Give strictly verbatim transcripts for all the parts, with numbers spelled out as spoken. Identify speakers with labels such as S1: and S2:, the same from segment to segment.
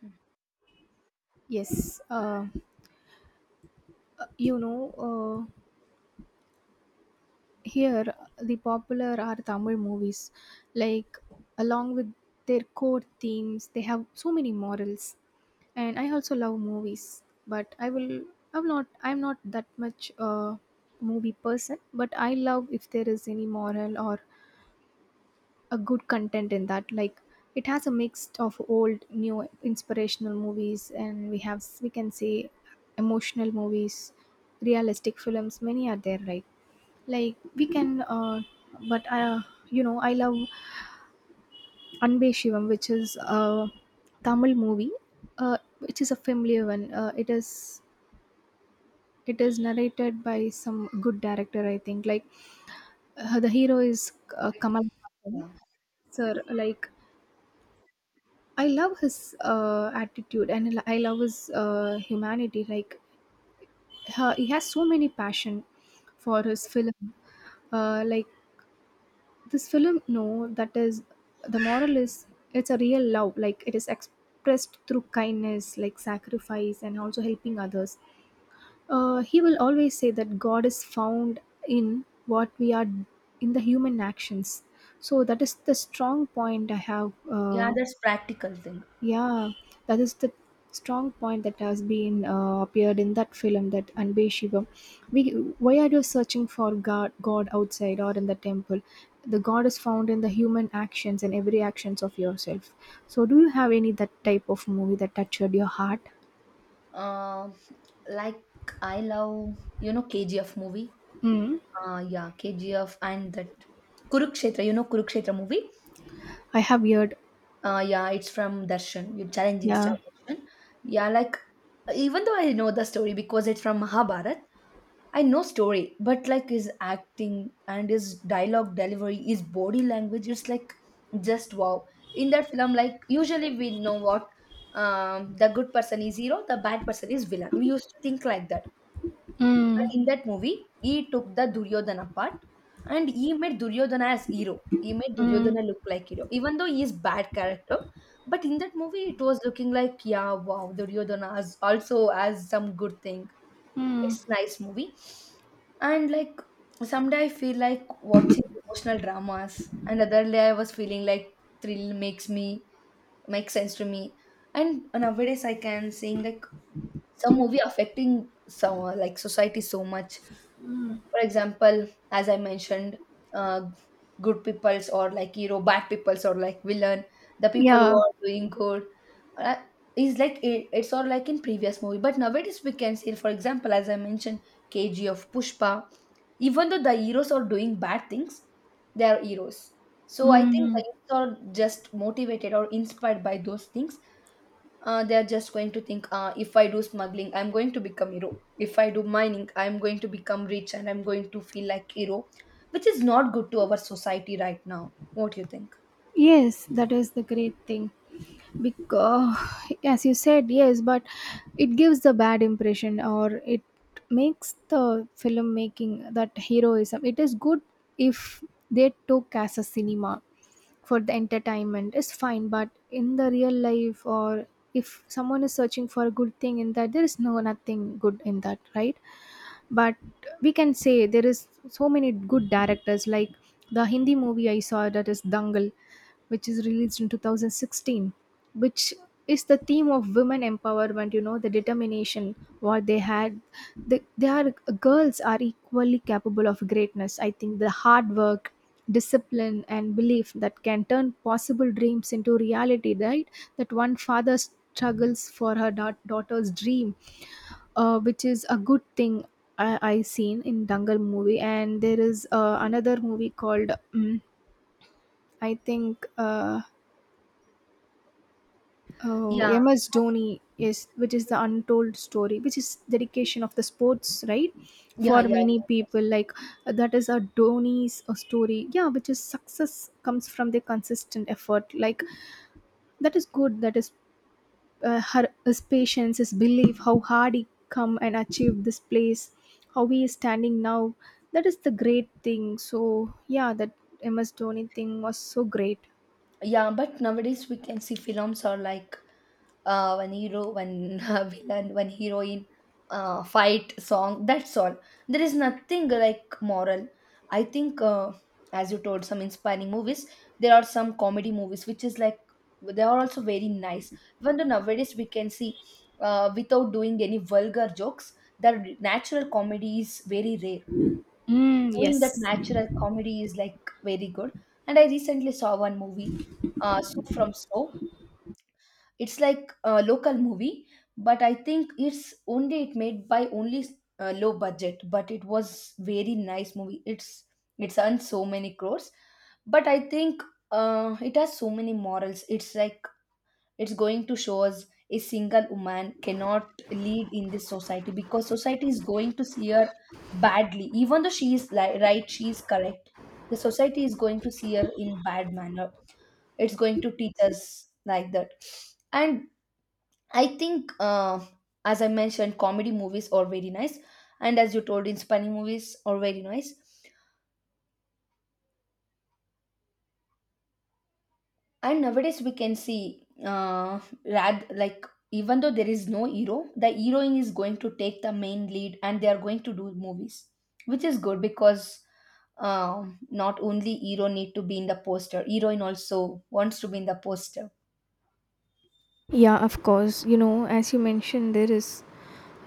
S1: Hmm.
S2: Yes, uh, you know, uh, here the popular are Tamil movies. Like, along with their core themes, they have so many morals. And I also love movies, but I will. I'm not. I'm not that much uh, movie person, but I love if there is any moral or a good content in that. Like it has a mix of old new inspirational movies, and we have we can say emotional movies, realistic films, many are there, right? Like we can uh, but I, you know I love Anbe Shivam, which is a Tamil movie, uh, which is a familiar one. Uh, it is it is narrated by some good director, I think. Like uh, the hero is uh, Kamal Haasan
S1: Yeah,
S2: sir. Like, I love his uh, attitude, and I lo- I love his uh, humanity. Like, ha- he has so many passion for his film. Uh, like this film, no, that is the moral is it's a real love. Like, it is expressed through kindness, like sacrifice, and also helping others. Uh, he will always say that God is found in what we are, in the human actions. So that is the strong point I have.
S1: yeah,
S2: uh,
S1: that's practical thing.
S2: Yeah, that is the strong point that has been uh, appeared in that film, that Anbe Shivam. We, why are you searching for God, God outside or in the temple? The God is found in the human actions and every actions of yourself. So, do you have any that type of movie that touched your heart?
S1: Uh, like I love, you know, K G F movie.
S2: Mm.
S1: Uh, yeah, K G F and that Kurukshetra, you know, Kurukshetra movie.
S2: I have heard.
S1: Uh, yeah, it's from Darshan, your challenging star
S2: Yeah.
S1: Darshan. Yeah, like even though I know the story because it's from Mahabharat, I know story, but like his acting and his dialogue delivery, his body language, it's like just wow. In that film, like usually we know what um, the good person is hero, the bad person is villain. We used to think like that, but
S2: Mm.
S1: in that movie, he took the Duryodhana part and he made Duryodhana as hero. He made
S2: Mm.
S1: Duryodhana look like hero, even though he is bad character. But in that movie, it was looking like, yeah, wow, Duryodhana has also has some good thing.
S2: Mm.
S1: It's nice movie. And like someday I feel like watching emotional dramas. Another day I was feeling like thrill makes me makes sense to me. And nowadays I can sing like some movie affecting some like society so much, for example, as I mentioned, uh, good peoples or like hero, bad peoples or like villain, the people who
S2: Yeah.
S1: are doing good uh, is like it, it's all like in previous movie. But nowadays we can see, for example, as I mentioned, K G of Pushpa, even though the heroes are doing bad things, they are heroes. So I think
S2: Mm.
S1: the youths are just motivated or inspired by those things. Uh, they are just going to think, uh, if I do smuggling, I'm going to become hero. If I do mining, I'm going to become rich and I'm going to feel like hero, which is not good to our society right now. What do you think?
S2: Yes, that is the great thing. Because, as you said, yes, but it gives the bad impression, or it makes the filmmaking that heroism. It is good if they took as a cinema for the entertainment, it's fine, but in the real life, or if someone is searching for a good thing in that, there is no nothing good in that, right? But we can say there is so many good directors. Like, the Hindi movie I saw, that is Dangal, which is released in twenty sixteen, which is the theme of women empowerment, you know, the determination what they had. They, they are girls are equally capable of greatness. I think the hard work, discipline, and belief that can turn possible dreams into reality, right? That one father struggles for her da- daughter's dream, uh, which is a good thing I, I seen in Dangal movie. And there is uh, another movie called mm, I think uh, uh,
S1: yeah
S2: M S Dhoni, yes, which is the untold story, which is dedication of the sports, right?
S1: yeah
S2: For
S1: yeah
S2: many
S1: yeah
S2: people, like, uh, that is a Dhoni's uh, story, yeah, which is success comes from the consistent effort. Like, that is good. That is uh, her his patience, his belief, how hard he come and achieved this place, how he is standing now. That is the great thing. So yeah, that M S Dhoni thing was so great.
S1: yeah But nowadays we can see films are like uh, one hero, one villain, one heroine, uh, fight, song. That's all. There is nothing like moral. I think, uh, as you told, some inspiring movies. There are some comedy movies which is like they are also very nice. Even though nowadays we can see, uh, without doing any vulgar jokes, the natural comedy is very rare.
S2: Mm,
S1: Doing that
S2: yes.
S1: natural comedy is like very good. And I recently saw one movie, uh, So From So, it's like a local movie, but I think it's only it made by only uh, low budget, but it was very nice movie. It's it's earned so many crores, but I think uh, it has so many morals. It's like it's going to show us a single woman cannot lead in this society because society is going to see her badly, even though she is li- right, she is correct. The society is going to see her in bad manner. It's going to teach us like that. And I think, uh, as I mentioned, comedy movies are very nice, and as you told, inspiring movies are very nice. And nowadays, we can see, uh, rad like even though there is no hero, the heroine is going to take the main lead, and they are going to do movies, which is good because um, not only hero need to be in the poster, heroine also wants to be in the poster.
S2: Yeah, of course. You know, as you mentioned, there is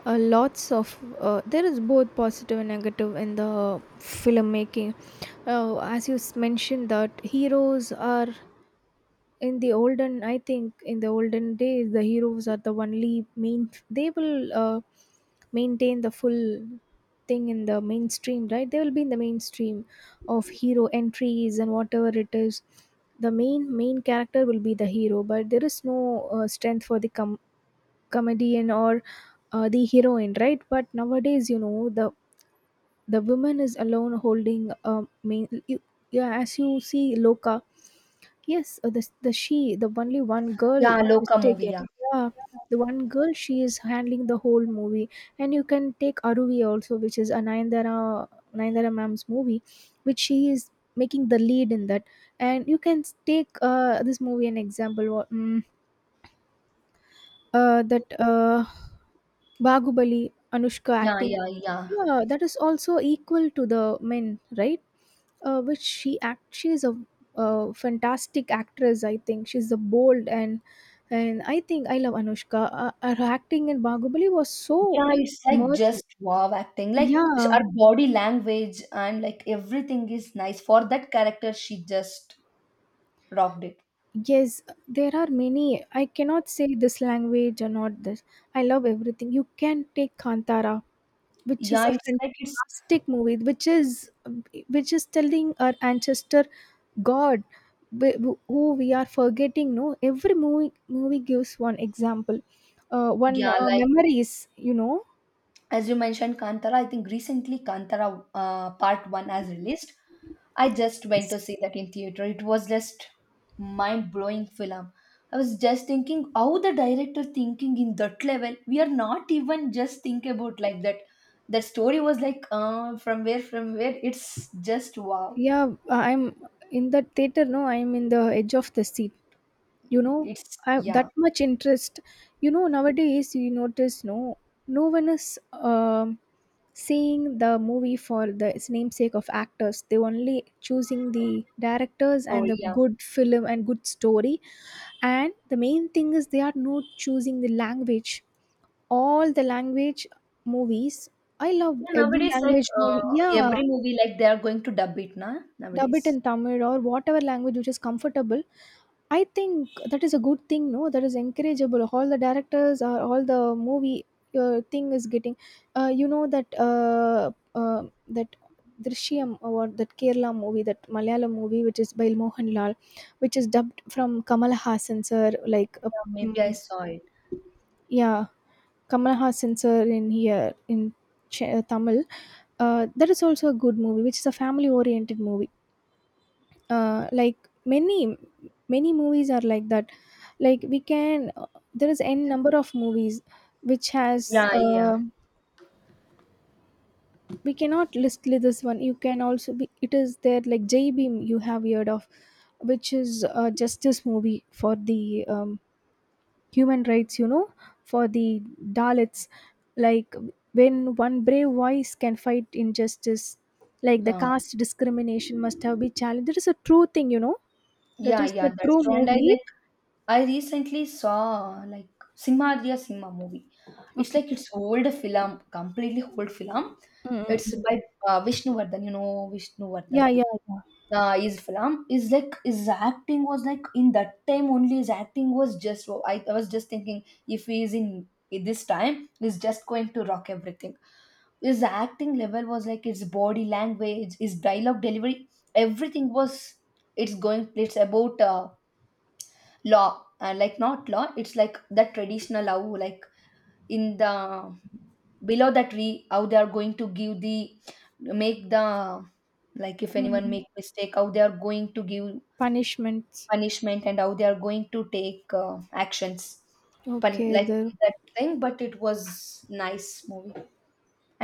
S2: uh, lots of uh, there is both positive and negative in the filmmaking. Uh, as you s- mentioned, that heroes are. In the olden, I think in the olden days, the heroes are the only main. They will, uh, maintain the full thing in the mainstream, right? They will be in the mainstream of hero entries and whatever it is. The main main character will be the hero, but there is no, uh, strength for the com comedian or, uh, the heroine, right? But nowadays, you know, the the woman is alone holding a main. You Yeah, as you see Loka, yes, uh, the the she, the only one girl
S1: Yeah,
S2: is
S1: Loka movie.
S2: taken.
S1: Yeah,
S2: Yeah, the one girl she is handling the whole movie, and you can take Aruvi also, which is a Nayanthara, Nayanthara ma'am's movie, which she is making the lead in that. And you can s- take uh, this movie an example. wha- Mm, uh, that uh, Bahubali Anushka
S1: yeah,
S2: acting.
S1: yeah, yeah.
S2: Yeah, that is also equal to the men, right? uh, which she act she's a uh, fantastic actress. I think she's a bold, and and I think I love Anushka, uh, uh, her acting in Bahubali was so
S1: Yeah, It's like
S2: immersive.
S1: just wow acting. Like s-
S2: Yeah.
S1: her body language and like everything is nice. For that character, she just rocked it.
S2: Yes, there are many. I cannot say this language or not. This I love everything. You can take Kantara, which is
S1: Yeah,
S2: a
S1: it's like it's
S2: fantastic movie, which is, which is telling our ancestor god wh- wh- who we are forgetting, no? Every movie movie gives one example, uh, one
S1: yeah,
S2: uh,
S1: like
S2: memories, you know.
S1: as you mentioned kantara, I think recently kantara uh, part one has released. I just went to
S2: Yes.
S1: see that in theater. It was just mind blowing film. I was just thinking how the director thinking in that level, we are not even just think about like that. That story was like uh, from where from where it's just wow
S2: Yeah, I'm in the theater, no? I'm in the edge of the seat. You know,
S1: it's
S2: I
S1: yeah
S2: that much interest. You know, nowadays you notice, no? No one is um seeing the movie for the its namesake of actors. They only choosing the directors and
S1: story
S2: the
S1: yeah,
S2: good film and good story. And the main thing is they are not choosing the language. All the language movies. I love
S1: yeah
S2: every
S1: nowadays like
S2: language movie.
S1: uh,
S2: Yeah,
S1: every movie like they are going to dub it now
S2: dub
S1: nowadays.
S2: it in Tamil or whatever language which is comfortable. I think that is a good thing, no? That is encourageable. All the directors or all the movie uh, thing is getting, uh, you know that uh, uh, that Drishyam or that Kerala movie, that Malayalam movie, which is by Mohanlal, which is dubbed from Kamal Hassan sir, like uh,
S1: Yeah, maybe I
S2: mm,
S1: saw it.
S2: yeah, Kamal Hassan sir in here in Ch- Tamil. Uh, that is also a good movie, which is a family-oriented movie, uh, like many, many movies are like that. Like we can there is n number of movies which has
S1: Yeah yeah
S2: uh, we cannot list li- this one. You can also be it is there like J Beam, you have heard of, which is a justice movie for the um, human rights, you know, for the dalits. Like, when one brave voice can fight injustice, like the caste discrimination must have been challenged, that is a true thing, you know. That
S1: Yeah,
S2: is
S1: yeah,
S2: the
S1: that's
S2: true
S1: true. And I
S2: movie.
S1: like I recently saw like Simhadriya Simha movie. It's
S2: Okay.
S1: like it's old film, completely old film.
S2: Mm, mm,
S1: It's
S2: mm.
S1: by uh, Vishnuvardhan, you know Vishnuvardhan.
S2: Yeah, yeah, yeah.
S1: Uh, his film is like his acting was like in that time only his acting was just oh, I, I was just thinking if he is in in this time he's just going to rock everything. His acting level was like his body language, his dialogue delivery, everything was it's going it's about uh, law uh, like not law, it's like that traditional law. Like in the below that tree how they are going to give the make the like if
S2: Mm, mm,
S1: anyone
S2: mm.
S1: make mistake how they are going to give
S2: Punishments.
S1: punishment and how they are going to take uh, actions. Pun-
S2: Okay,
S1: like
S2: the
S1: that thing but it was nice movie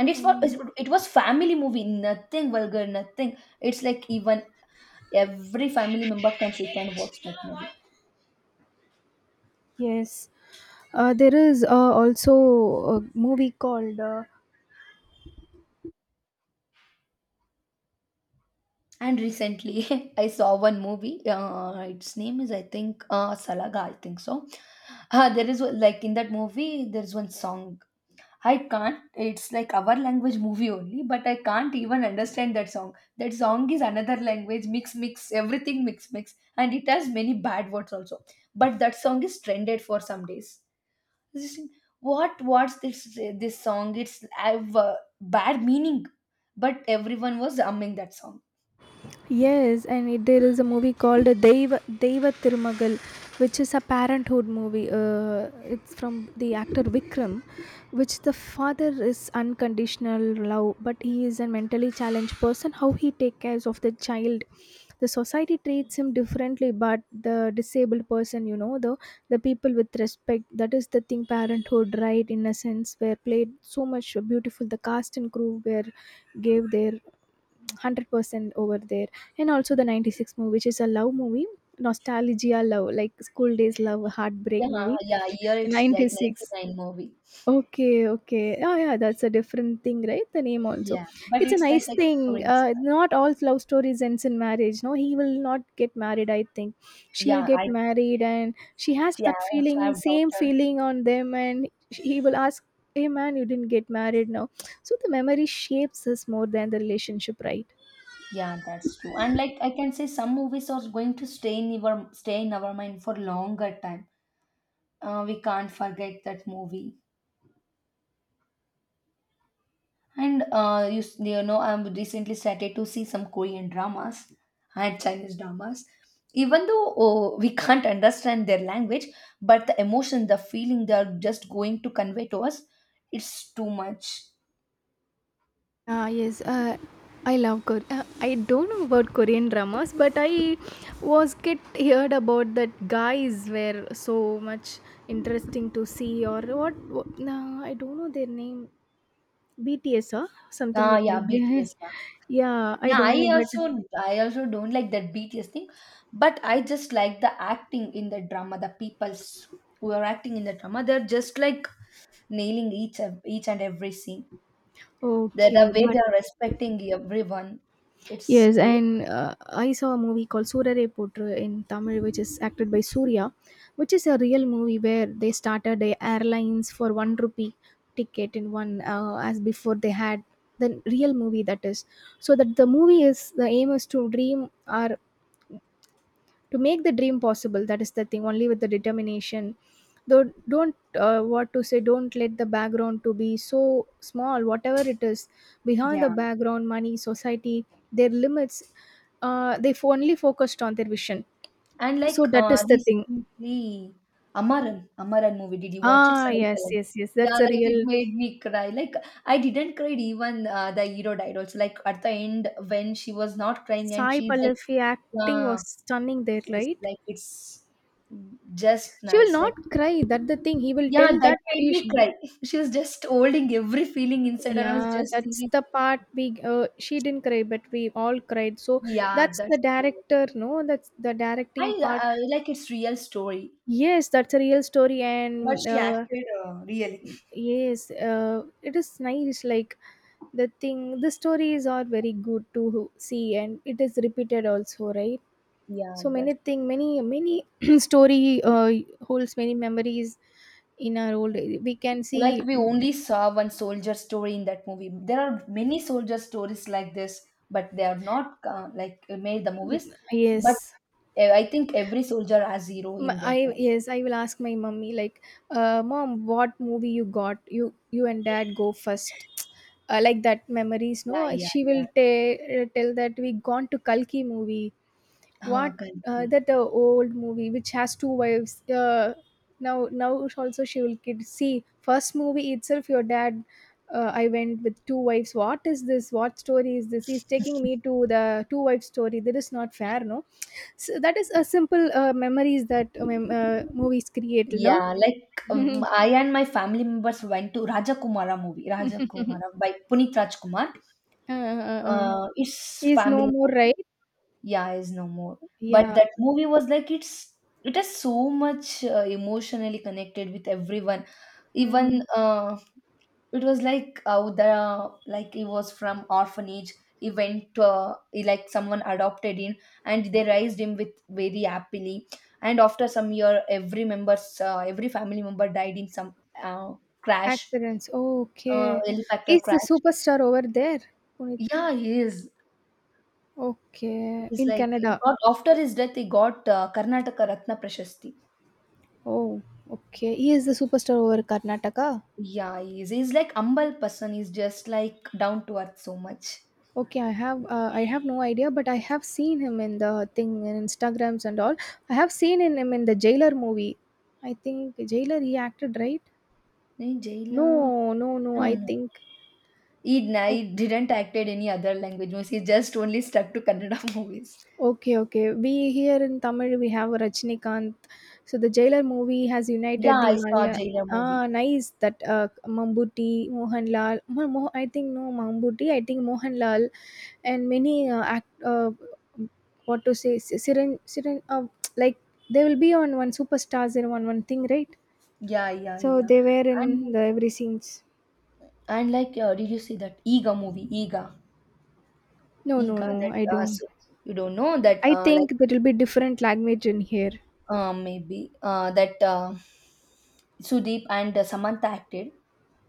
S2: mm,
S1: it's for
S2: mm, mm.
S1: it was family movie, nothing vulgar nothing. It's like even every family member can sit and watch that movie.
S2: Yes. Uh, there is uh, also a movie called uh,
S1: And recently, I saw one movie. Uh, its name is, I think, uh, Salaga. I think so. Uh, there is one- like in that movie, there is one song. I can't. It's like our language movie only, but I can't even understand that song. That song is another language. Mix, mix, everything mix, mix, and it has many bad words also. But that song is trended for some days. I was just think, what? What's this? This song? It's have uh, bad meaning, but everyone was humming that song.
S2: yes, and it, there is a movie called Deva Deva Tirumagal, which is a parenthood movie. Uh, it's from the actor Vikram, which the father is unconditional love, but he is a mentally challenged person. How he take care of the child, the society treats him differently, but the disabled person, you know, the the people with respect. That is the thing. Parenthood, right? In a sense, were played so much beautiful. The cast and crew were gave their hundred percent over there, and also the ninety-six movie, which is a love movie, nostalgia love, like school days love, heartbreak
S1: Yeah,
S2: movie.
S1: yeah, here it's like
S2: ninety-six,
S1: ninety-nine movie.
S2: okay, okay, oh yeah, that's a different thing, right? The name also.
S1: Yeah, but
S2: It's a
S1: it's like
S2: nice
S1: like
S2: thing.
S1: stories.
S2: Uh, not all love stories ends in marriage, no? He will not get married, I think. She will
S1: Yeah,
S2: get
S1: I
S2: married, and she has
S1: yeah,
S2: that
S1: I also
S2: feeling,
S1: have
S2: same
S1: daughter.
S2: feeling on them, and he will ask, hey man, you didn't get married now. So the memory shapes us more than the relationship, right?
S1: Yeah, that's true. And like I can say some movies are going to stay in our stay in our mind for longer time. Uh, we can't forget that movie. And uh, you, s- you know, I'm recently started to see some Korean dramas and Chinese dramas. Even though oh, we can't understand their language, but the emotion, the feeling they're just going to convey to us, it's too much.
S2: Ah, yes, uh, I love Kore, uh, I don't know about Korean dramas, but I was get heard about that guys were so much interesting to see or what, what nah, I don't know their name. B T S or something
S1: Ah,
S2: like
S1: yeah,
S2: that.
S1: B T S.
S2: Yeah, I
S1: Yeah,
S2: don't know,
S1: yeah. I
S2: but
S1: also, I also don't like that B T S thing, but I just like the acting in the drama. The people's who are acting in the drama, they're just like nailing each of- each and every scene. The the
S2: okay,
S1: way
S2: but
S1: they're respecting everyone, it's
S2: yes,
S1: way
S2: and uh, I saw a movie called Surare Potru in Tamil, which is acted by Surya, which is a real movie where they started a airlines for one rupee ticket in one uh, as before they had the real movie that is. So that the movie is the aim is to dream our, to make the dream possible. That is the thing, only with the determination. Though don't, uh, what to say, don't let the background to be so small, whatever it is. Behind the
S1: yeah.
S2: background money, society, their limits, uh, they f- only focused on their vision,
S1: And
S2: so
S1: like
S2: that
S1: uh,
S2: is the thing.
S1: recently, Amaran, Amaran movie. Did you watch it?
S2: Ah
S1: Sai
S2: yes,
S1: Pallavi.
S2: yes, yes,
S1: Yeah,
S2: that's a
S1: like
S2: real.
S1: it made me cry. Like I didn't cry even uh, the hero died also. Like at the end when she was not crying and
S2: Sai
S1: she's
S2: Pallavi acting
S1: yeah,
S2: was stunning there,
S1: it's
S2: right?
S1: like it's mm, just
S2: She will
S1: nice. Like,
S2: not cry. That, the thing he will
S1: yeah,
S2: tell
S1: that
S2: that
S1: made
S2: he sh-
S1: me cry. She was just holding every feeling inside her. I was
S2: yeah,
S1: just
S2: that's
S1: thinking,
S2: the part we uh, she didn't cry, but we all cried. So
S1: yeah,
S2: that's
S1: that's
S2: the
S1: true.
S2: director, no? That's the directing
S1: I
S2: part.
S1: uh, like it's real story,
S2: Yes, that's a real story,
S1: but
S2: and
S1: she
S2: uh,
S1: acted uh, really.
S2: yes, uh, it is nice. Like, the thing, the stories are very good to see, and it is repeated also, right?
S1: Yeah,
S2: So
S1: that
S2: many thing, many many story uh, holds many memories in our old. We can
S1: like
S2: see,
S1: we
S2: mm,
S1: only saw one soldier story in that movie. There are many soldier stories like this, but they are not uh, like uh, made the movies.
S2: mm,
S1: But
S2: yes.
S1: uh, I think every soldier has hero
S2: M-
S1: in their
S2: I
S1: life.
S2: yes, I will ask my mummy like, uh, mom, what movie you got? You you and dad go first, uh, like that memories. No,
S1: Yeah, yeah,
S2: she
S1: yeah.
S2: will ta- tell that we gone to Kalki movie.
S1: Uh,
S2: What, uh,
S1: correctly.
S2: that uh, old movie which has two wives, uh, now now also she will kid see first movie itself your dad, uh, I went with two wives. What is this? What story is this? He's taking me to the two wives story. That is not fair, no? So that is a simple uh, memories that um, uh, movies create, no?
S1: Yeah, like um, I and my family members went to Rajakumara movie,
S2: uh,
S1: Rajakumara by Puneet Rajkumar.
S2: uh, uh.
S1: Uh, it's
S2: He's no
S1: family
S2: more,
S1: movie.
S2: right?
S1: Yeah, is no more. But
S2: Yeah.
S1: that movie was like it's it is so much uh, emotionally connected with everyone. Even
S2: Mm.
S1: uh, it was like uh, the like he was from orphanage, he went uh, he, like someone adopted him and they raised him with very happily and after some year every members uh, every family member died in some uh, crash,
S2: Accidents,
S1: uh,
S2: okay.
S1: helicopter
S2: He's the
S1: crash.
S2: superstar over there. Punit.
S1: Yeah he is,
S2: Okay,
S1: he's
S2: in
S1: like he
S2: Canada.
S1: got after his death he got uh, karnataka ratna prashasti.
S2: Oh, okay. He is the superstar over Karnataka.
S1: Yeah he is he's like humble person, he's just like down to earth so much.
S2: Okay, I have uh, I have no idea, but I have seen him in the thing in Instagrams and all. I have seen in him in the Jailer movie. I think Jailer he acted, right?
S1: Eh,
S2: No,
S1: jailer.
S2: no, no.
S1: no
S2: I
S1: no
S2: think.
S1: He He didn't acted any other language movies. He just only stuck to Kannada movies.
S2: Okay, okay. We here in Tamil we have Rajinikanth. So the Jailer movie has
S1: Yeah,
S2: united the
S1: I saw
S2: Malaya.
S1: Jailer movie.
S2: Ah, nice that uh, Mambuti, Mohanlal. Mo- Mo- I think no Mambuti. I think Mohanlal and many uh, act. Uh, what to say? S- Siren, Siren. Uh, like they will be on one superstars in one one thing, right?
S1: Yeah, yeah,
S2: So
S1: yeah.
S2: they were in
S1: And
S2: the every scenes.
S1: and like, uh, did you see that Ega movie? Ega,
S2: No, no,
S1: Ega.
S2: no.
S1: That
S2: I
S1: uh,
S2: don't.
S1: so you don't know that
S2: I
S1: uh, like
S2: think there will be different language in here.
S1: uh, maybe uh, that uh, Sudeep and uh, Samantha acted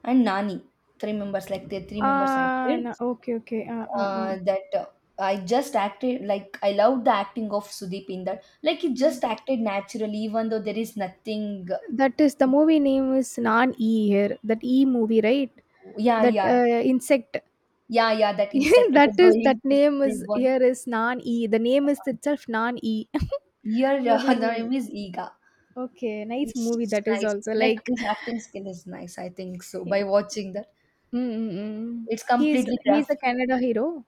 S1: and Nani. Three members like the three members
S2: Ah, no,
S1: acted.
S2: okay, okay. Uh, uh,
S1: Uh, that uh, I just acted like I loved the acting of Sudeep in that. Like he just
S2: uh.
S1: acted naturally, even though there is nothing.
S2: That is the movie name is Naan E here. That E movie, right?
S1: Yeah,
S2: That
S1: yeah,
S2: uh, insect.
S1: yeah, yeah. That insect which
S2: That
S1: is
S2: is, that
S1: going to
S2: name is
S1: everyone.
S2: here is Naan E. The name is itself Naan E.
S1: Here, uh,
S2: Movie
S1: the name
S2: name.
S1: is Iga.
S2: Okay, nice movie
S1: It's
S2: that is
S1: nice.
S2: also
S1: Like
S2: like.
S1: his acting skill is nice. I think so. By
S2: Mm,
S1: watching that,
S2: mm, mm.
S1: it's
S2: He's
S1: completely
S2: he's a
S1: graphic.
S2: Canada hero.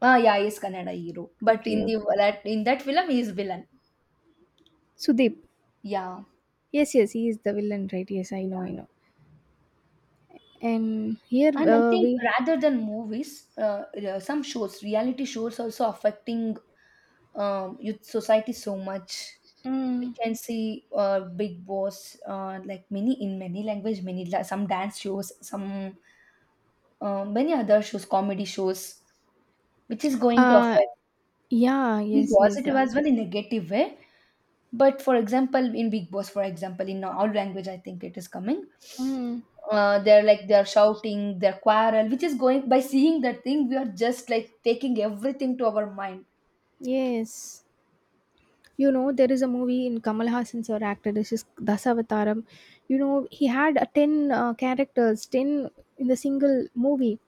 S1: Ah, yeah, he's Kannada hero, but in
S2: Okay,
S1: the
S2: okay.
S1: that in that film, he is villain.
S2: Sudeep.
S1: Yeah,
S2: Yes, yes, he is the villain, right? Yes, I know, I
S1: yeah.
S2: know. And here
S1: And I
S2: uh,
S1: think
S2: we.
S1: rather than movies, uh, uh, some shows, reality shows, also affecting um, youth society so much. We
S2: Mm,
S1: can see uh, Big Boss, uh, like many in many language, many la- some dance shows, some uh, many other shows, comedy shows, which is going to
S2: uh,
S1: affect
S2: yeah,
S1: in
S2: yes, yes.
S1: positive
S2: Uh,
S1: as well in negative way. But for example, in Big Boss, for example, in our language, I think it is coming.
S2: mm,
S1: Uh, they're like they're shouting, they're quarrel, which is going by seeing that thing. We are just like taking everything to our mind.
S2: yes. You know, there is a movie in Kamal Hassan's or actor, this is Dasavataram. You know, he had a ten uh, characters, ten in the single movie.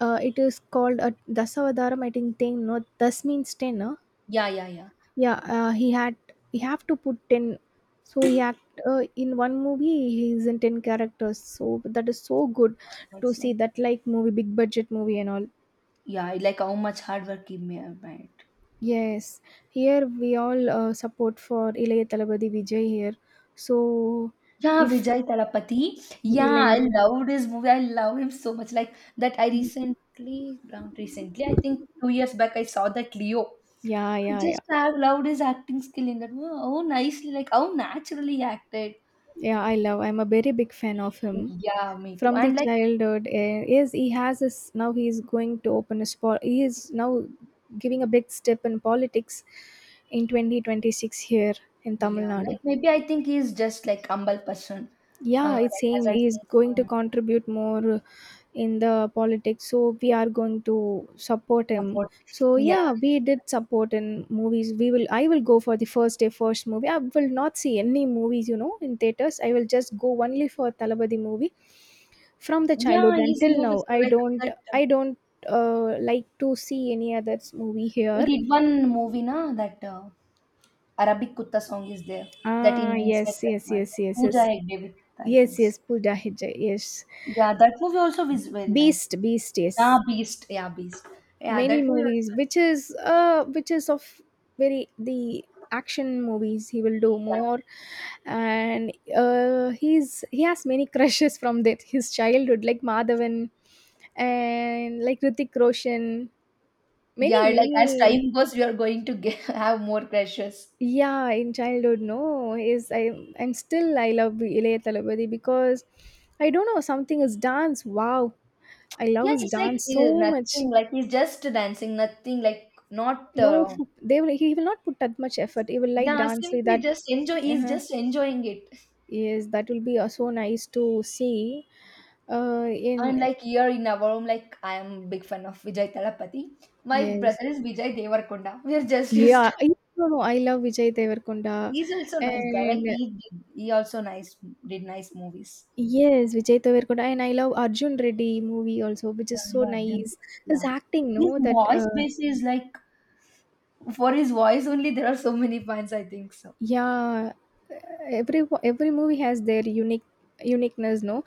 S2: Uh, it is called a Dasavataram, I think ten, no, Das means ten, no?
S1: Yeah, yeah, yeah.
S2: Yeah, uh, he had, he have to put ten. So he act uh, in one movie, he is in ten characters. So that is so good to
S1: That's
S2: see
S1: like
S2: that like movie, big budget movie and all.
S1: yeah, like how much hard work he ma- made.
S2: Yes, here we all uh, support for Ilayya Talabadi Vijay here. So
S1: Yeah,
S2: if
S1: Vijay Talapati. Yeah, I
S2: Ilaiyaraaja.
S1: loved his movie. I love him so much. Like that, I
S2: ம்.
S1: recently, around recently, I think two years back, I saw that Leo.
S2: Yeah,
S1: I
S2: yeah, yeah.
S1: just have loved his acting skill in that. Wow, how nicely, like how naturally he acted.
S2: Yeah, I love. I'm a very big fan of him.
S1: Yeah, me too.
S2: From the
S1: And like,
S2: childhood, eh, yes, he has his. Now he is going to open his. po- He is now giving a big step in politics in twenty twenty-six here in
S1: yeah,
S2: Tamil Nadu.
S1: like maybe I think he's just like humble person. Uh,
S2: Yeah, it's
S1: like as
S2: same,
S1: I
S2: he is going to
S1: say,
S2: contribute more in the politics, so we are going to support
S1: uh,
S2: him.
S1: support.
S2: So
S1: Yeah,
S2: yeah, we did support in movies. We will, i will go for the first day first movie. I will not see any movies, you know, in theaters. I will just go only for Talabadi movie from the
S1: yeah.
S2: childhood
S1: His
S2: until now.
S1: movies
S2: i
S1: are like
S2: don't
S1: that. Uh,
S2: i don't uh, like to see any other movie
S1: he
S2: here.
S1: did one movie, na that uh, Arabic Kutta song is there. That in
S2: Ah, yes,
S1: instead that
S2: yes,
S1: one.
S2: yes, yes, yes.
S1: Pooja Hegde with I
S2: Yes,
S1: think. So.
S2: yes, Pooja Hegde, yes.
S1: Yeah, that movie also is very nice.
S2: Beast, Beast, yes.
S1: Yeah, Beast. Yeah, Beast. Yeah,
S2: Many
S1: that movie
S2: movies
S1: also.
S2: which is uh which is of very the action movies he will do more. And uh he's he has many crushes from that his childhood, like Madhavan and like Ritik Roshan. Many,
S1: Yeah, yeah. Like as
S2: many.
S1: time goes, we are going to get, have more crashes.
S2: Yeah, in childhood, no, is I am still I love Ilayya Talabadi because I don't know something is dance. Wow, I love
S1: Yeah,
S2: his
S1: it's like
S2: dance
S1: eh,
S2: so much.
S1: nothing. Like he's just dancing, nothing. Like not.
S2: You know,
S1: Uh,
S2: f- they will, he will not put that much effort. He will light
S1: yeah,
S2: dance like
S1: simply
S2: that.
S1: just enjoy. He's
S2: uh
S1: just enjoying it.
S2: Yes, that will be uh, so nice to see. Uh,
S1: And
S2: in,
S1: like here in our home, like I am big fan of Vijay Talapati. My
S2: yes,
S1: brother is Vijay Devarkonda. We are just used to.
S2: yeah. I no, no, I love Vijay Devarkonda,
S1: He's also nice guy. Like
S2: and
S1: he did, he also nice did nice movies.
S2: yes, Vijay Devarkonda, and I love Arjun Reddy movie also, which
S1: Yeah,
S2: is so
S1: yeah, didn't,
S2: nice. His
S1: yeah.
S2: acting,
S1: His
S2: no, that
S1: voice
S2: uh,
S1: base is like for his voice only. There are so many fans. I think so
S2: yeah, every every movie has their unique uniqueness, no?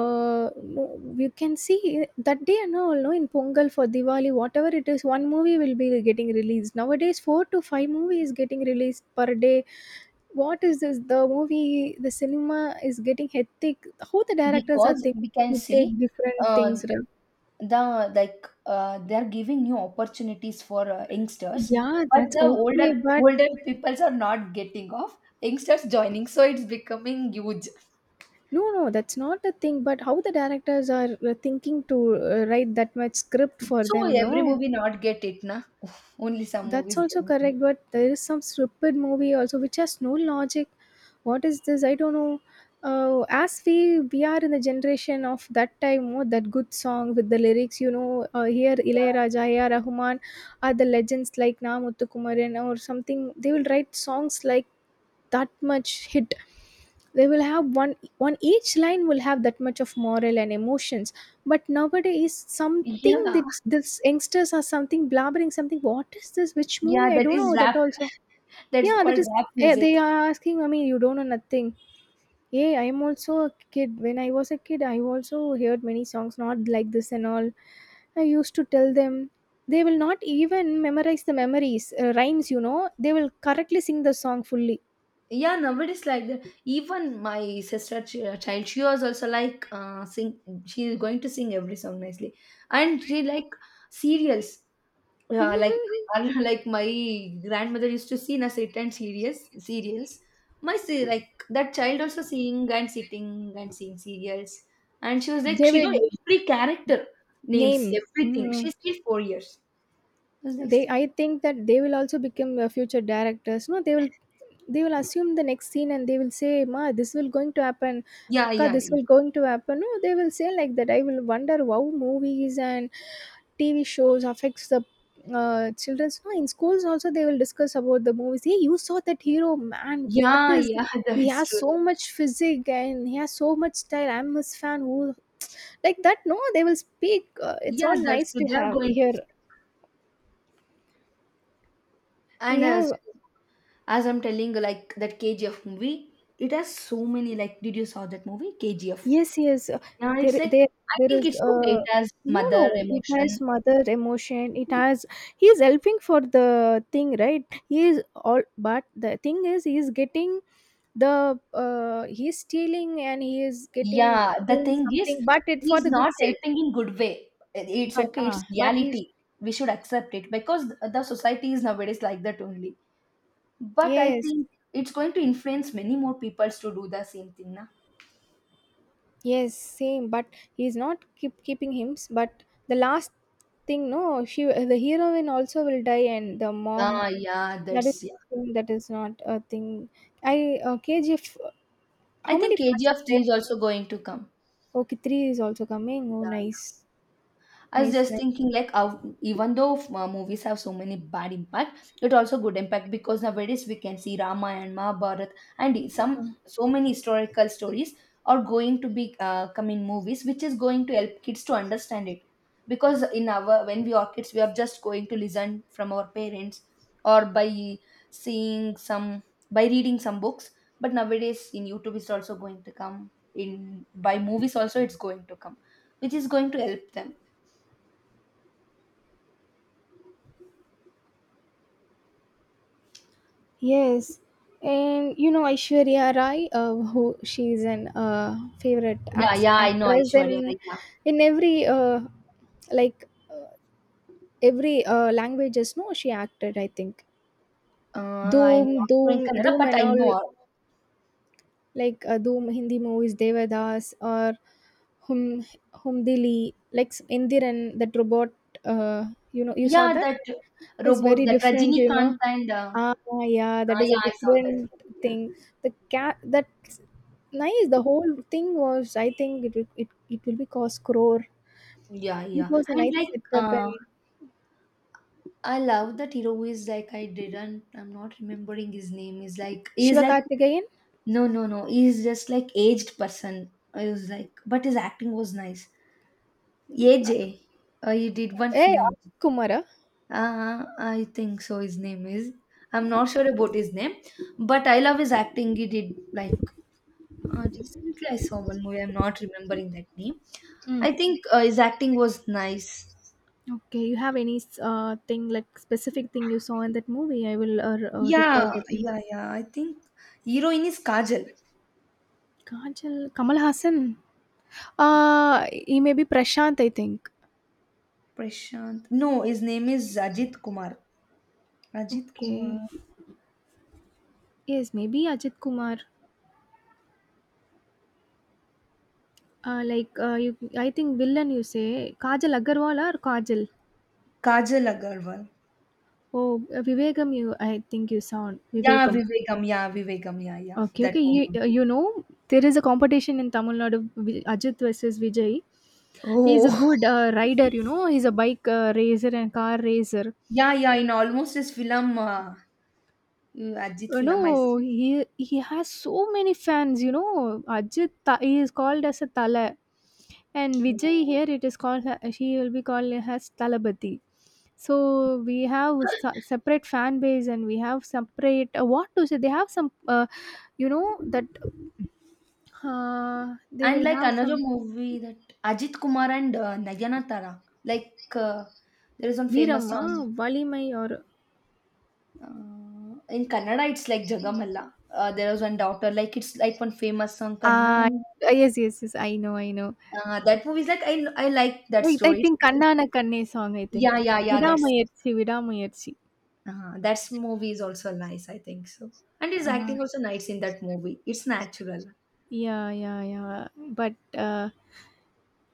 S2: uh No, you can see that day and all, no, in Pongal, for Diwali, whatever it is, one movie will be getting released. Nowadays, four to five movies getting released per day. What is this? The movie, the cinema is getting hectic. How the directors are
S1: because
S2: thinking
S1: we can
S2: to take
S1: see
S2: different
S1: uh,
S2: things, right?
S1: the like uh, they are giving new opportunities for uh, youngsters,
S2: Yeah,
S1: but
S2: that's
S1: the older
S2: okay, but.
S1: older peoples are not getting off youngsters joining, so it's becoming huge.
S2: No, no, that's not a thing. But how the directors are uh, thinking to uh, write that much script for
S1: So
S2: them,
S1: every
S2: no,
S1: movie not get it na. Oof, only some
S2: that's
S1: movies
S2: also
S1: getting it.
S2: correct. But there is some stupid movie also which has no logic. What is this? I don't know. Uh, as we we are in the generation of that time, oh, that good song with the lyrics, you know, uh, here Ilayaraja, A R. Rahman are the legends like Na Muthukumaran or something. They will write songs like that much hit. They will have one, one each line will have that much of moral and emotions. But nowadays
S1: Yeah,
S2: something
S1: yeah.
S2: that this youngsters are something blabbering something, what is this, which
S1: Yeah,
S2: movie, I
S1: that
S2: don't
S1: is
S2: know that
S1: rap,
S2: also.
S1: that's
S2: Yeah, that
S1: called
S2: is,
S1: rap
S2: eh,
S1: music.
S2: they are asking, I mean, you don't know nothing. Yeah, I am also a kid. When I was a kid, I also heard many songs, not like this and all. I used to tell them, they will not even memorize the memories, uh, rhymes, you know, they will correctly sing the song fully.
S1: Yeah, nowadays like that, even my sister ch- uh, child, she was also like uh sing, she is going to sing every song nicely, and she like serials. Yeah, like like my grandmother used to see in a sit and serious serials. My se- like that child also seeing and sitting and seeing serials, and she was like
S2: They
S1: she know
S2: will
S1: every character names
S2: name.
S1: everything.
S2: Mhm.
S1: She's still four years. I was like,
S2: They I think that they will also become uh, future directors. No, they will they will assume the next scene and they will say, Ma, this will going to happen.
S1: yeah,
S2: Akka,
S1: yeah,
S2: this
S1: yeah,
S2: will going to happen. No, they will say like that. I will wonder how movies and T V shows affects the uh, children's, no, in schools also they will discuss about the movies. Hey, you saw that hero, man? What
S1: yeah,
S2: is,
S1: yeah.
S2: he
S1: That's
S2: has
S1: true.
S2: so much physique and he has so much style. I'm his fan, who, like that, no, they will speak. Uh, it's
S1: Yeah,
S2: all
S1: that's
S2: nice
S1: true.
S2: to
S1: They are
S2: have
S1: going to
S2: here.
S1: school.
S2: We
S1: And as
S2: have.
S1: as I'm telling, like that K G F movie, it has so many. Like, did you saw that movie K G F?
S2: Yes, yes. uh,
S1: Yeah, it's
S2: there,
S1: like
S2: there,
S1: I
S2: there
S1: think
S2: is.
S1: it's okay. It
S2: Uh,
S1: has
S2: no,
S1: mother
S2: no. It
S1: emotion.
S2: has mother emotion. It has. He is helping for the thing, right? He is all. But the thing is, he is getting the. Uh, he is stealing and he is getting
S1: Yeah, the
S2: doing
S1: thing is,
S2: something, but it for
S1: he's
S2: the good
S1: not
S2: sake.
S1: helping in good way. It's
S2: But
S1: okay. It's
S2: uh, but he.
S1: reality. We should accept it because the society is nowadays like that only. But I
S2: Yes,
S1: think it's going to influence many more peoples to do the same thing, na?
S2: yes, same. But he is not keep keeping him. But the last thing, no. She, the heroine also will die, and the mom.
S1: Ah, yeah,
S2: That is
S1: that's yeah.
S2: thing that is not a thing. I uh, K G F.
S1: I
S2: How many
S1: think
S2: parts
S1: K G F
S2: are
S1: three
S2: there?
S1: is also going to come.
S2: Okay, three is also coming. Oh,
S1: Yeah,
S2: nice,
S1: I was
S2: nice,
S1: just
S2: nice.
S1: thinking like how, even though uh, movies have so many bad impact, it also good impact because nowadays we can see Ramayana, Mahabharata, and some so many historical stories are going to be uh, come in movies, which is going to help kids to understand it. Because in our when we are kids, we are just going to listen from our parents or by seeing some by reading some books. But nowadays in YouTube, it's also going to come in by movies. Also, it's going to come, which is going to help them.
S2: Yes, and you know Aishwarya Rai, uh, who she is an uh, favorite
S1: Yeah,
S2: act-
S1: yeah, I know
S2: actress,
S1: Aishwarya
S2: and
S1: Rai. Yeah.
S2: in every uh, like uh, every uh, languages, no, she acted. I think.
S1: Uh, I'm
S2: Doom,
S1: not sure in
S2: Doom,
S1: Kannada,
S2: Doom,
S1: but
S2: and
S1: I know
S2: all,
S1: her.
S2: like uh, Dhoom Hindi movies, Devadas or Hum Humdili, like s- Indiran, that robot. Uh, you know, you saw
S1: Yeah,
S2: that?
S1: that
S2: It's
S1: robot,
S2: very
S1: that
S2: different. You
S1: Rajinikanth
S2: know,
S1: and uh,
S2: ah, yeah, that
S1: uh,
S2: is a
S1: yeah, I saw that
S2: different
S1: movie.
S2: thing. The cat that's nice. The whole thing was, I think, it will- it it will be cost crore.
S1: Yeah, yeah,
S2: It
S1: yeah.
S2: was a
S1: And like,
S2: nice setup
S1: uh,
S2: and
S1: I love that hero who is like I didn't. I'm not remembering his name. Is like he's
S2: Shiva
S1: like
S2: Karthikeyan.
S1: no, no, no. He's just like aged person. I was like, but his acting was nice. A J, uh, he did one
S2: Hey,
S1: film.
S2: Ajit Kumar, ah?
S1: Uh, I think so. His name is. I'm not sure about his name, but I love his acting. He did like uh, recently. I saw one movie. I'm not remembering that name.
S2: Mm.
S1: I think uh, his acting was nice.
S2: Okay, you have any uh, thing, like specific thing you saw in that movie? I will uh, r- uh, recall
S1: Yeah,
S2: that name.
S1: yeah, yeah. I think heroine is Kajal.
S2: Kajal Kamal Haasan uh yeah maybe Prashant I think.
S1: Prashant. No, his name is Ajit Kumar. Ajit
S2: okay
S1: Kumar.
S2: Yes maybe Ajay Kumar ah like I think villain you say Kajal Agarwal और Kajal.
S1: Kajal Agarwal.
S2: Oh Vivegam you I think you song
S1: Yeah,
S2: Vivegam.
S1: Vivegam. Yeah, Vivegam. Yeah, yeah.
S2: Okay
S1: That
S2: okay yeah
S1: one.
S2: You know there's a competition in Tamil Nadu Ajay versus Vijay. He is a
S1: Oh,
S2: good rider you know he is a bike racer and car र.
S1: yeah, yeah. In almost his film, uh, Ajit
S2: You
S1: film, I
S2: know, he he has so many fans. You know, Ajit Ta- he is called as a Tala, and Vijay
S1: Oh.
S2: here it is called. She will be called as Talabati. So we have s- separate fan base, and we have separate uh, what to say. They have some, uh, you know, that uh, they
S1: And
S2: will
S1: like
S2: have
S1: another
S2: some
S1: movie that Ajit Kumar and uh, Nayanatara, like uh, there is one famous song
S2: Veeramma, Valimai, or
S1: uh, in Kannada. It's like Jagamalla. Uh, there was one daughter. Like it's like one famous song. Kanna.
S2: uh, yes, yes, yes. I know, I know.
S1: Uh, that movie is like I I like that
S2: Wait, I
S1: story. It's
S2: think
S1: nice.
S2: Kannana Kanne song. I
S1: Yeah,
S2: think
S1: yeah, yeah. That's
S2: Vidamayarchi, Vidamayarchi.
S1: uh, that's movie is also nice. I think so. And his acting also nice in that movie. It's natural.
S2: Yeah, yeah, yeah. But uh,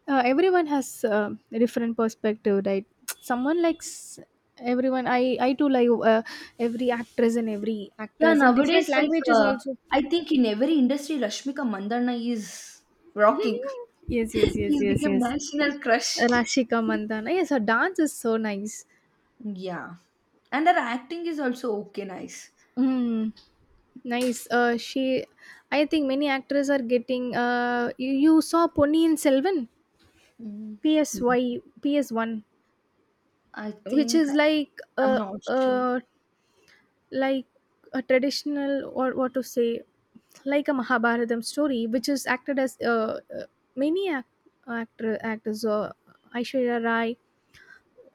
S2: uh, everyone has uh, a different perspective, right? Someone likes everyone. I I too like uh, every actress and every
S1: Yeah,
S2: actors in different
S1: nowadays like
S2: languages
S1: uh,
S2: also.
S1: I think in every industry, Rashmika Mandanna is rocking.
S2: Yes, yes, yes,
S1: She's
S2: yes,
S1: become
S2: yes.
S1: national crush.
S2: Rashika Mandana. Yes, her dance is so nice.
S1: Yeah, and her acting is also okay, nice.
S2: Mm, nice. Uh, she. I think many actors are getting. Uh, you, you saw Ponniyin Selvan,
S1: Mm,
S2: P S Y, P S one,
S1: I
S2: which
S1: think
S2: is like
S1: I'm
S2: a
S1: not sure.
S2: a. like a traditional or what to say, like a Mahabharatam story, which is acted as uh, uh, many act- actor actors, uh, Aishwarya Rai,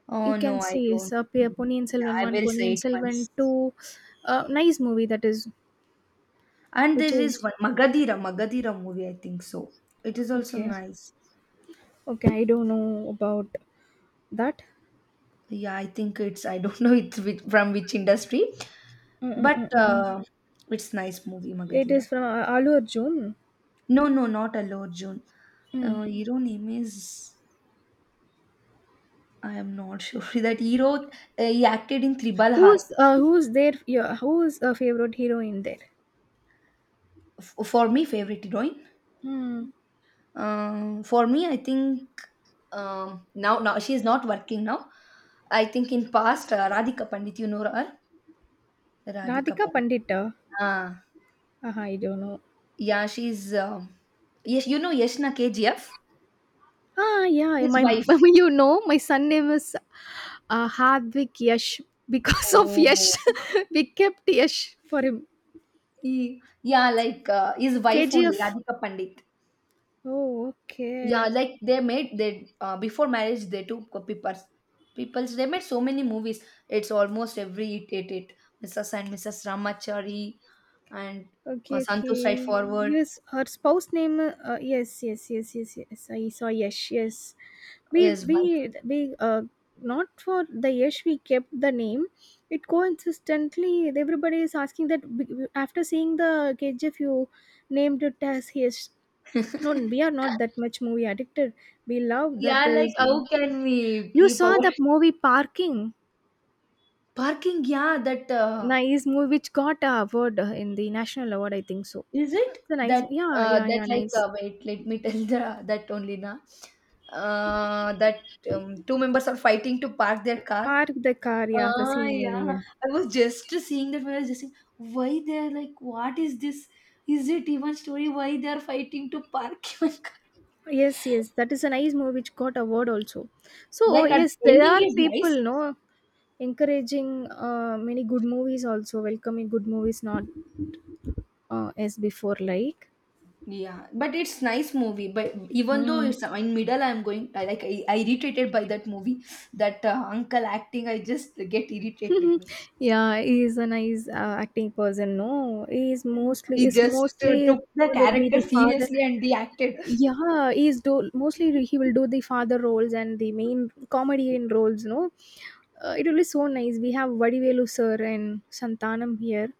S1: Oh
S2: you
S1: no,
S2: can
S1: I
S2: see is
S1: don't.
S2: uh, P-
S1: Mm,
S2: Ponniyin
S1: yeah,
S2: Selvan
S1: I
S2: one,
S1: will say
S2: Ponniyin
S1: it
S2: Selvan
S1: once.
S2: two. Uh, nice movie that is,
S1: And there
S2: which
S1: is
S2: is
S1: one Magadira, Magadira movie. I think so. It is also
S2: okay.
S1: nice.
S2: Okay, I don't know about that.
S1: Yeah, I think it's. I don't know it's which, from which industry, but
S2: Mm-mm-mm-mm.
S1: uh, it's nice movie
S2: It
S1: Magadira.
S2: is from uh, Alu Arjun.
S1: No, no, not Alor June. Uh,
S2: Mm.
S1: hero name is I am not sure that hero. Uh, he acted in Tribal Harp.
S2: Who's uh, who's their, yeah, who's a favorite hero in there?
S1: F- for me, favorite heroine.
S2: Hmm.
S1: Um, for me, I think um, now now she is not working now. I think in past uh, Radhika Pandit, you know her. Radhika
S2: Radhika
S1: Pandit.
S2: Pandita.
S1: Ah,
S2: Uh, I don't know.
S1: yeah, she's um yes, you know Yashna K G F,
S2: Ah, yeah,
S1: his
S2: my
S1: wife.
S2: you know, my son name is uh, Hardwick Yash because of Yash.
S1: Oh.
S2: We kept Yash for him.
S1: He- yeah, like uh, his wife only,
S2: K G F.
S1: Radhika Pandit.
S2: Oh,
S1: Yeah,
S2: okay,
S1: like they made they uh, before marriage they took people's people's they made so many movies. It's almost every it it it Missus and Missus Ramachari and uh,
S2: okay,
S1: Santu
S2: okay.
S1: Straightforward
S2: Yes, her spouse name. Uh, yes, yes, yes, yes, yes. I saw Yash. Yes, we
S1: is
S2: we
S1: wife.
S2: we uh not for the Yash. We kept the name. It coincidentally everybody is asking that be- after seeing the K G F you named it as Yash. No, we are not that much movie addicted. We love
S1: yeah,
S2: that
S1: like
S2: is.
S1: how can we
S2: You
S1: keep our
S2: saw the movie Parking,
S1: parking? Yeah, that uh,
S2: nice movie which got a award uh, in the national award, I think so.
S1: is it
S2: It's a
S1: that
S2: nice, yeah,
S1: uh,
S2: yeah,
S1: that
S2: yeah,
S1: like
S2: nice.
S1: uh, wait let me tell the that only na uh, that um, two members are fighting to park their car.
S2: Park the car, yeah, the
S1: Ah,
S2: same movie.
S1: yeah.
S2: Yeah.
S1: I was just seeing that. I was just saying, why they're like, what is this? Is it even story? Why they're fighting to park even car?
S2: Yes, yes, that is a nice movie which got award also. So oh,
S1: Like, at
S2: yes, there
S1: ending
S2: are
S1: is nice.
S2: people no encouraging uh, many good movies also, welcoming good movies not uh, as before like.
S1: Yeah, but it's nice movie. But even though
S2: Mm.
S1: it's in middle, I'm going. I like I, I irritated by that movie. That uh, uncle acting, I just get irritated with me.
S2: yeah, he is a nice uh, acting person. No, he is mostly
S1: He
S2: is
S1: just uh,
S2: mostly
S1: took the
S2: will be
S1: character
S2: the father.
S1: seriously and he acted.
S2: Yeah, he is do mostly he will do the father roles and the main comedian roles. No, uh, it will be so nice. We have Vadivelu sir and Santanam here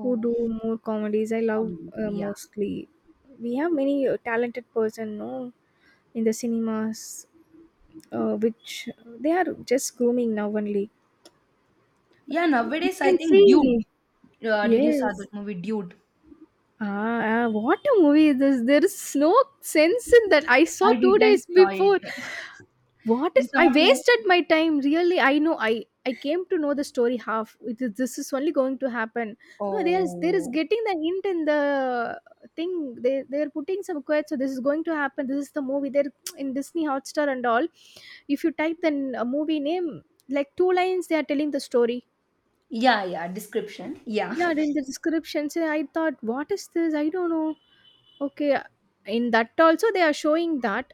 S2: who do more comedies. I love
S1: comedy
S2: uh,
S1: movie, yeah,
S2: mostly. We have many uh, talented person. No, in the cinemas, uh, which they are just grooming now only.
S1: yeah.
S2: You
S1: Nowadays, I
S2: can
S1: think Dude.
S2: see.
S1: Uh, did you saw
S2: Yes.
S1: that movie Dude?
S2: Ah, ah, what a movie is this? There is no sense in that. I saw
S1: I
S2: two
S1: didn't
S2: days
S1: saw it.
S2: before. What
S1: It's
S2: I
S1: not like
S2: wasted my time. Really, I know. I I came to know the story half. It is, this is only going to happen. No, there is there is
S1: oh
S2: getting the hint in the thing. They they are putting some quotes. So this is going to happen. This is the movie. They're in Disney Hotstar and all. If you type the a movie name, like two lines, they are telling the story.
S1: yeah, yeah, description. Yeah.
S2: Yeah, in the description. So I thought, what is this? I don't know. Okay, in that also they are showing that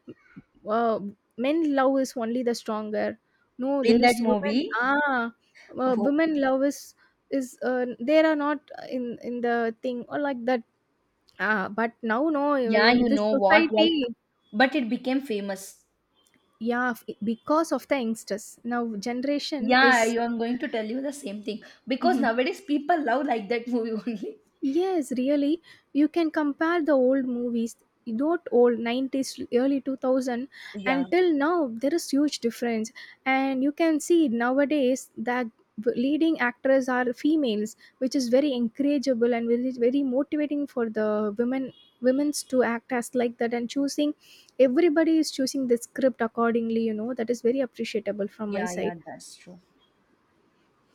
S2: uh, men love is only the stronger. No,
S1: in
S2: there
S1: that
S2: is women.
S1: movie.
S2: Ah, uh,
S1: Oh,
S2: women love is is uh, there are not in in the thing or like that. Ah, but now no,
S1: yeah,
S2: in
S1: you
S2: this
S1: know what? Like
S2: society,
S1: but it became famous.
S2: yeah, f- because of the youngsters now generation
S1: Yeah, I
S2: is.
S1: am going to tell you the same thing because
S2: Mhm.
S1: nowadays people love like that movie only.
S2: Yes, really. You can compare the old movies, not old nineties, early two thousand
S1: Yeah,
S2: till now, there is huge difference. And you can see nowadays that leading actors are females, which is very encourageable and very, very motivating for the women women's to act as like that and choosing everybody is choosing the script accordingly, you know, that is very appreciable from my
S1: yeah,
S2: side.
S1: yeah. That's true.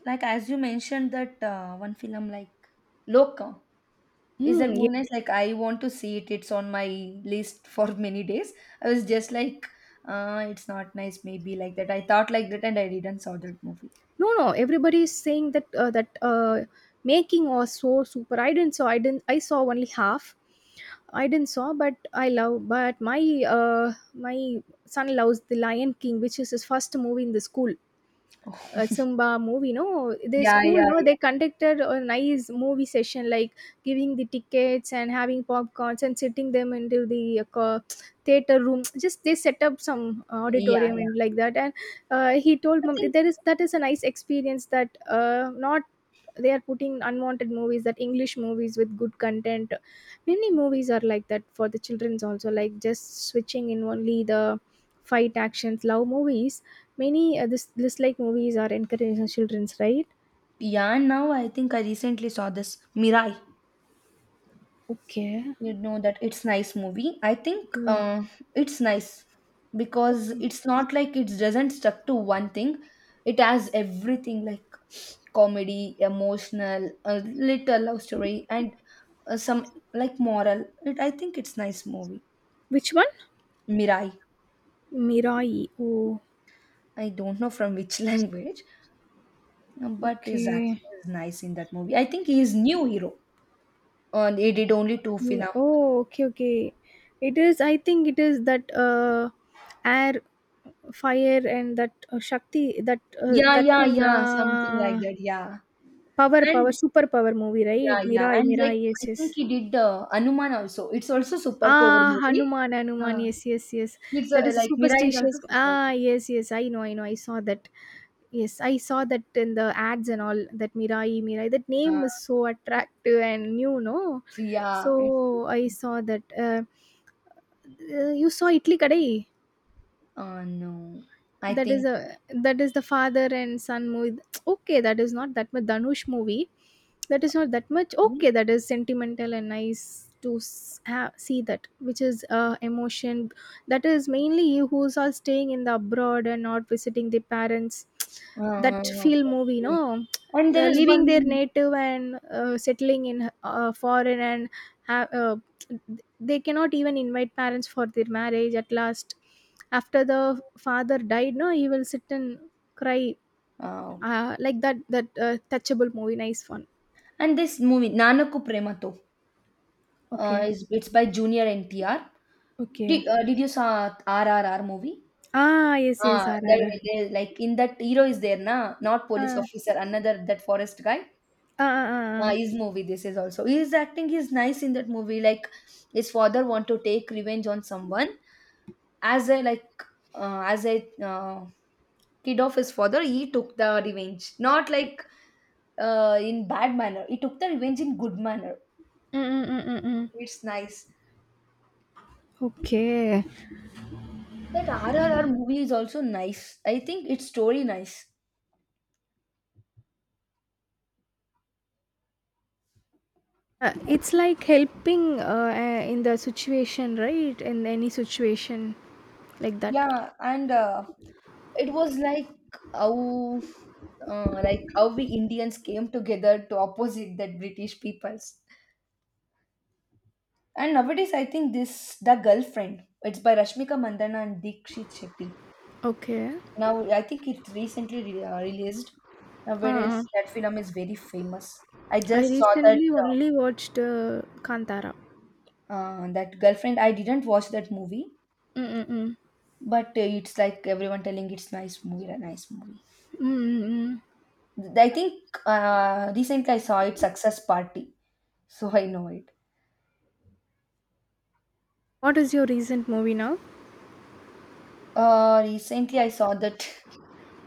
S1: Like as you mentioned that uh, one film like Loka. Is that
S2: Hmm.
S1: movie nice? Like I want to see it. It's on my list for many days. I was just like, uh, it's not nice. Maybe like that. I thought like that, and I didn't saw that movie.
S2: No, no, everybody is saying that uh, that uh, making was so super. I didn't saw i didn't I saw only half I didn't saw but I love but my uh, my son loves the Lion King, which is his first movie in the school. uh, Zumba movie, no, the
S1: Yeah,
S2: school,
S1: yeah,
S2: no,
S1: yeah,
S2: they conducted a nice movie session, like giving the tickets and having popcorns and sitting them into the uh, co- theater room. Just they set up some
S1: yeah,
S2: auditorium
S1: yeah.
S2: and like that. And uh, he told
S1: I
S2: mom
S1: think
S2: there is that is a nice experience that uh, not they are putting unwanted movies, that english movies with good content. Many movies are like that for the children's also, like just switching in only the fight actions love movies. Many uh, this this like movies are encouraging children's, right?
S1: yeah. Now I think I recently saw this Mirai.
S2: Okay.
S1: You know that it's nice movie I think
S2: Okay.
S1: uh, it's nice because
S2: Okay,
S1: it's not like it doesn't stuck to one thing, it has everything like comedy emotional a little love story and uh, some like moral it, I think it's nice movie.
S2: which one?
S1: Mirai.
S2: Mirai, oh.
S1: I don't know from which language. Um, but his acting
S2: Okay.
S1: is nice in that movie, I think he is new hero. Uh, he did only two film.
S2: Mm, oh, okay, okay. It is, I think it is that uh, air, fire, and that uh, Shakti, that uh,
S1: Yeah,
S2: that
S1: yeah,
S2: thing,
S1: yeah, something like
S2: uh,
S1: that. Yeah.
S2: power, power,
S1: And
S2: super power movie, right?
S1: yeah, yeah.
S2: Mirai,
S1: And like
S2: Mirai, yes,
S1: I
S2: yes.
S1: think he did uh, Anuman also. It's also super power
S2: Ah,
S1: movie.
S2: Hanuman, Hanuman.
S1: Uh,
S2: Yes, yes, yes.
S1: it's
S2: That
S1: uh,
S2: is a
S1: like Mira is also
S2: superstitious.
S1: super.
S2: Ah, yes, yes. I know, I know. I saw that. Yes, I saw that in the ads and all. That Mirai, Mirai. That
S1: Uh,
S2: name is so attractive and new, no?
S1: yeah, it's.
S2: So I saw that. Uh, uh, you saw Italy Kadai?
S1: Uh, no, I
S2: that is
S1: think.
S2: a that is the father and son movie. okay, that is not that much Dhanush movie. That is not that much, okay, that is sentimental and nice to s- ha- see that, which is uh, emotion. That is mainly who's all staying in the abroad and not visiting the parents.
S1: Uh,
S2: that feel
S1: okay.
S2: movie,
S1: Okay.
S2: no.
S1: And
S2: Uh,
S1: there is
S2: leaving their
S1: one.
S2: native and uh, settling in uh, foreign, and ha- uh, they cannot even invite parents for their marriage at last. After the father died no, he will sit and cry,
S1: Uh,
S2: uh, like that, that uh, touchable movie, nice one.
S1: and this movie Nanaku Premato uh,
S2: Okay.
S1: is it's by Junior N T R.
S2: Okay.
S1: Did, uh, did you saw R R R movie?
S2: Ah, yes, yes,
S1: Ah, there,
S2: R R R.
S1: there, like in that hero is there, na? Not police
S2: Ah,
S1: officer, another that forest guy.
S2: ah, ah,
S1: Uh, his
S2: ah.
S1: movie this is also his acting is nice in that movie like his father want to take revenge on someone as a like uh, as a uh, kid of his father he took the revenge not like uh, in bad manner he took the revenge in good manner.
S2: Mm-mm-mm-mm.
S1: It's nice
S2: Okay.
S1: that R R R movie is also nice, I think it's story nice.
S2: Uh, it's like helping uh, uh, in the situation, right, in any situation like that.
S1: Yeah and uh, it was like how uh, like how we indians came together to opposite that british peoples. And nowadays, I think this The Girlfriend. It's by Rashmika Mandana and Dikshit Shetty.
S2: Okay.
S1: Now, I think it recently re- uh, released. Nowadays,
S2: Ah,
S1: that film is very famous. I
S2: I
S1: just saw that
S2: recently
S1: uh,
S2: only watched uh, Kantara.
S1: uh, that Girlfriend. I didn't watch that movie,
S2: Mm, mm, mm.
S1: but uh, it's like everyone telling it's nice movie, a nice movie.
S2: Mm, mm, mm.
S1: Th- I think uh, recently I saw it Success Party, so I know it.
S2: What is your recent movie now?
S1: Uh, recently I saw that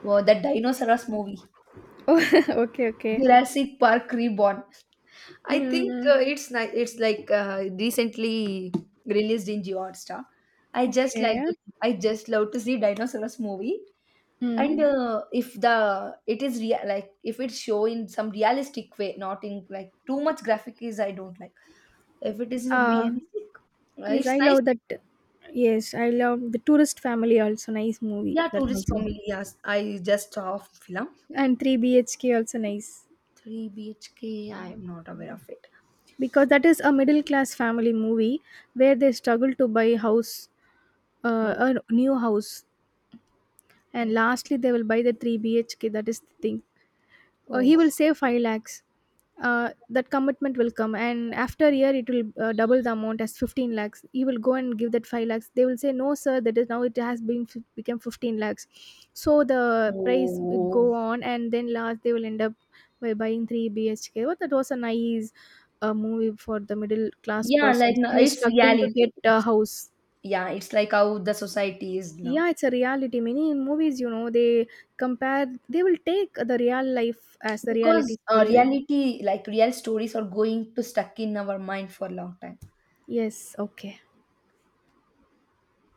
S1: uh, that dinosaurs movie,
S2: Oh, okay, okay.
S1: Jurassic Park Reborn.
S2: Mm,
S1: I think
S2: mm,
S1: uh, it's nice. It's like uh, recently released in Jio Hotstar. I just like
S2: okay.
S1: I just love to see dinosaurs movie.
S2: Mm. Mm.
S1: And uh, if the it is real, like if it's show in some realistic way, not in like too much graphic is I don't like. If it is some
S2: Uh
S1: realistic, uh,
S2: yes,
S1: it's
S2: I
S1: nice.
S2: love that. Yes, I love the Tourist Family, also nice movie.
S1: Yeah,
S2: That
S1: tourist
S2: also,
S1: family. Yes, I just saw a film.
S2: and three B H K also nice,
S1: three B H K. I am not aware of it.
S2: because that is a middle class family movie where they struggle to buy house, uh,
S1: Oh,
S2: a new house,
S1: oh,
S2: and lastly they will buy the three B H K. That is the thing. Uh, he
S1: oh.
S2: will save five lakhs. Uh, that commitment will come, and after a year, it will uh, double the amount as fifteen lakhs. He will go and give that five lakhs. They will say, no, sir, that is now it has been f- become fifteen lakhs. So the price would
S1: Oh.
S2: go on, and then last they will end up by buying three B H K. But that was a nice uh, movie for the middle class
S1: Yeah,
S2: person
S1: like no,
S2: who's
S1: it's
S2: struggling to
S1: reality.
S2: get a house.
S1: Yeah it's like how the society is now
S2: Yeah, it's a reality. Many movies, you know, they compare, they will take the real life as the
S1: because
S2: reality
S1: uh,
S2: story, right?
S1: reality like real stories are going to stuck in our mind for a long time
S2: Yes, okay.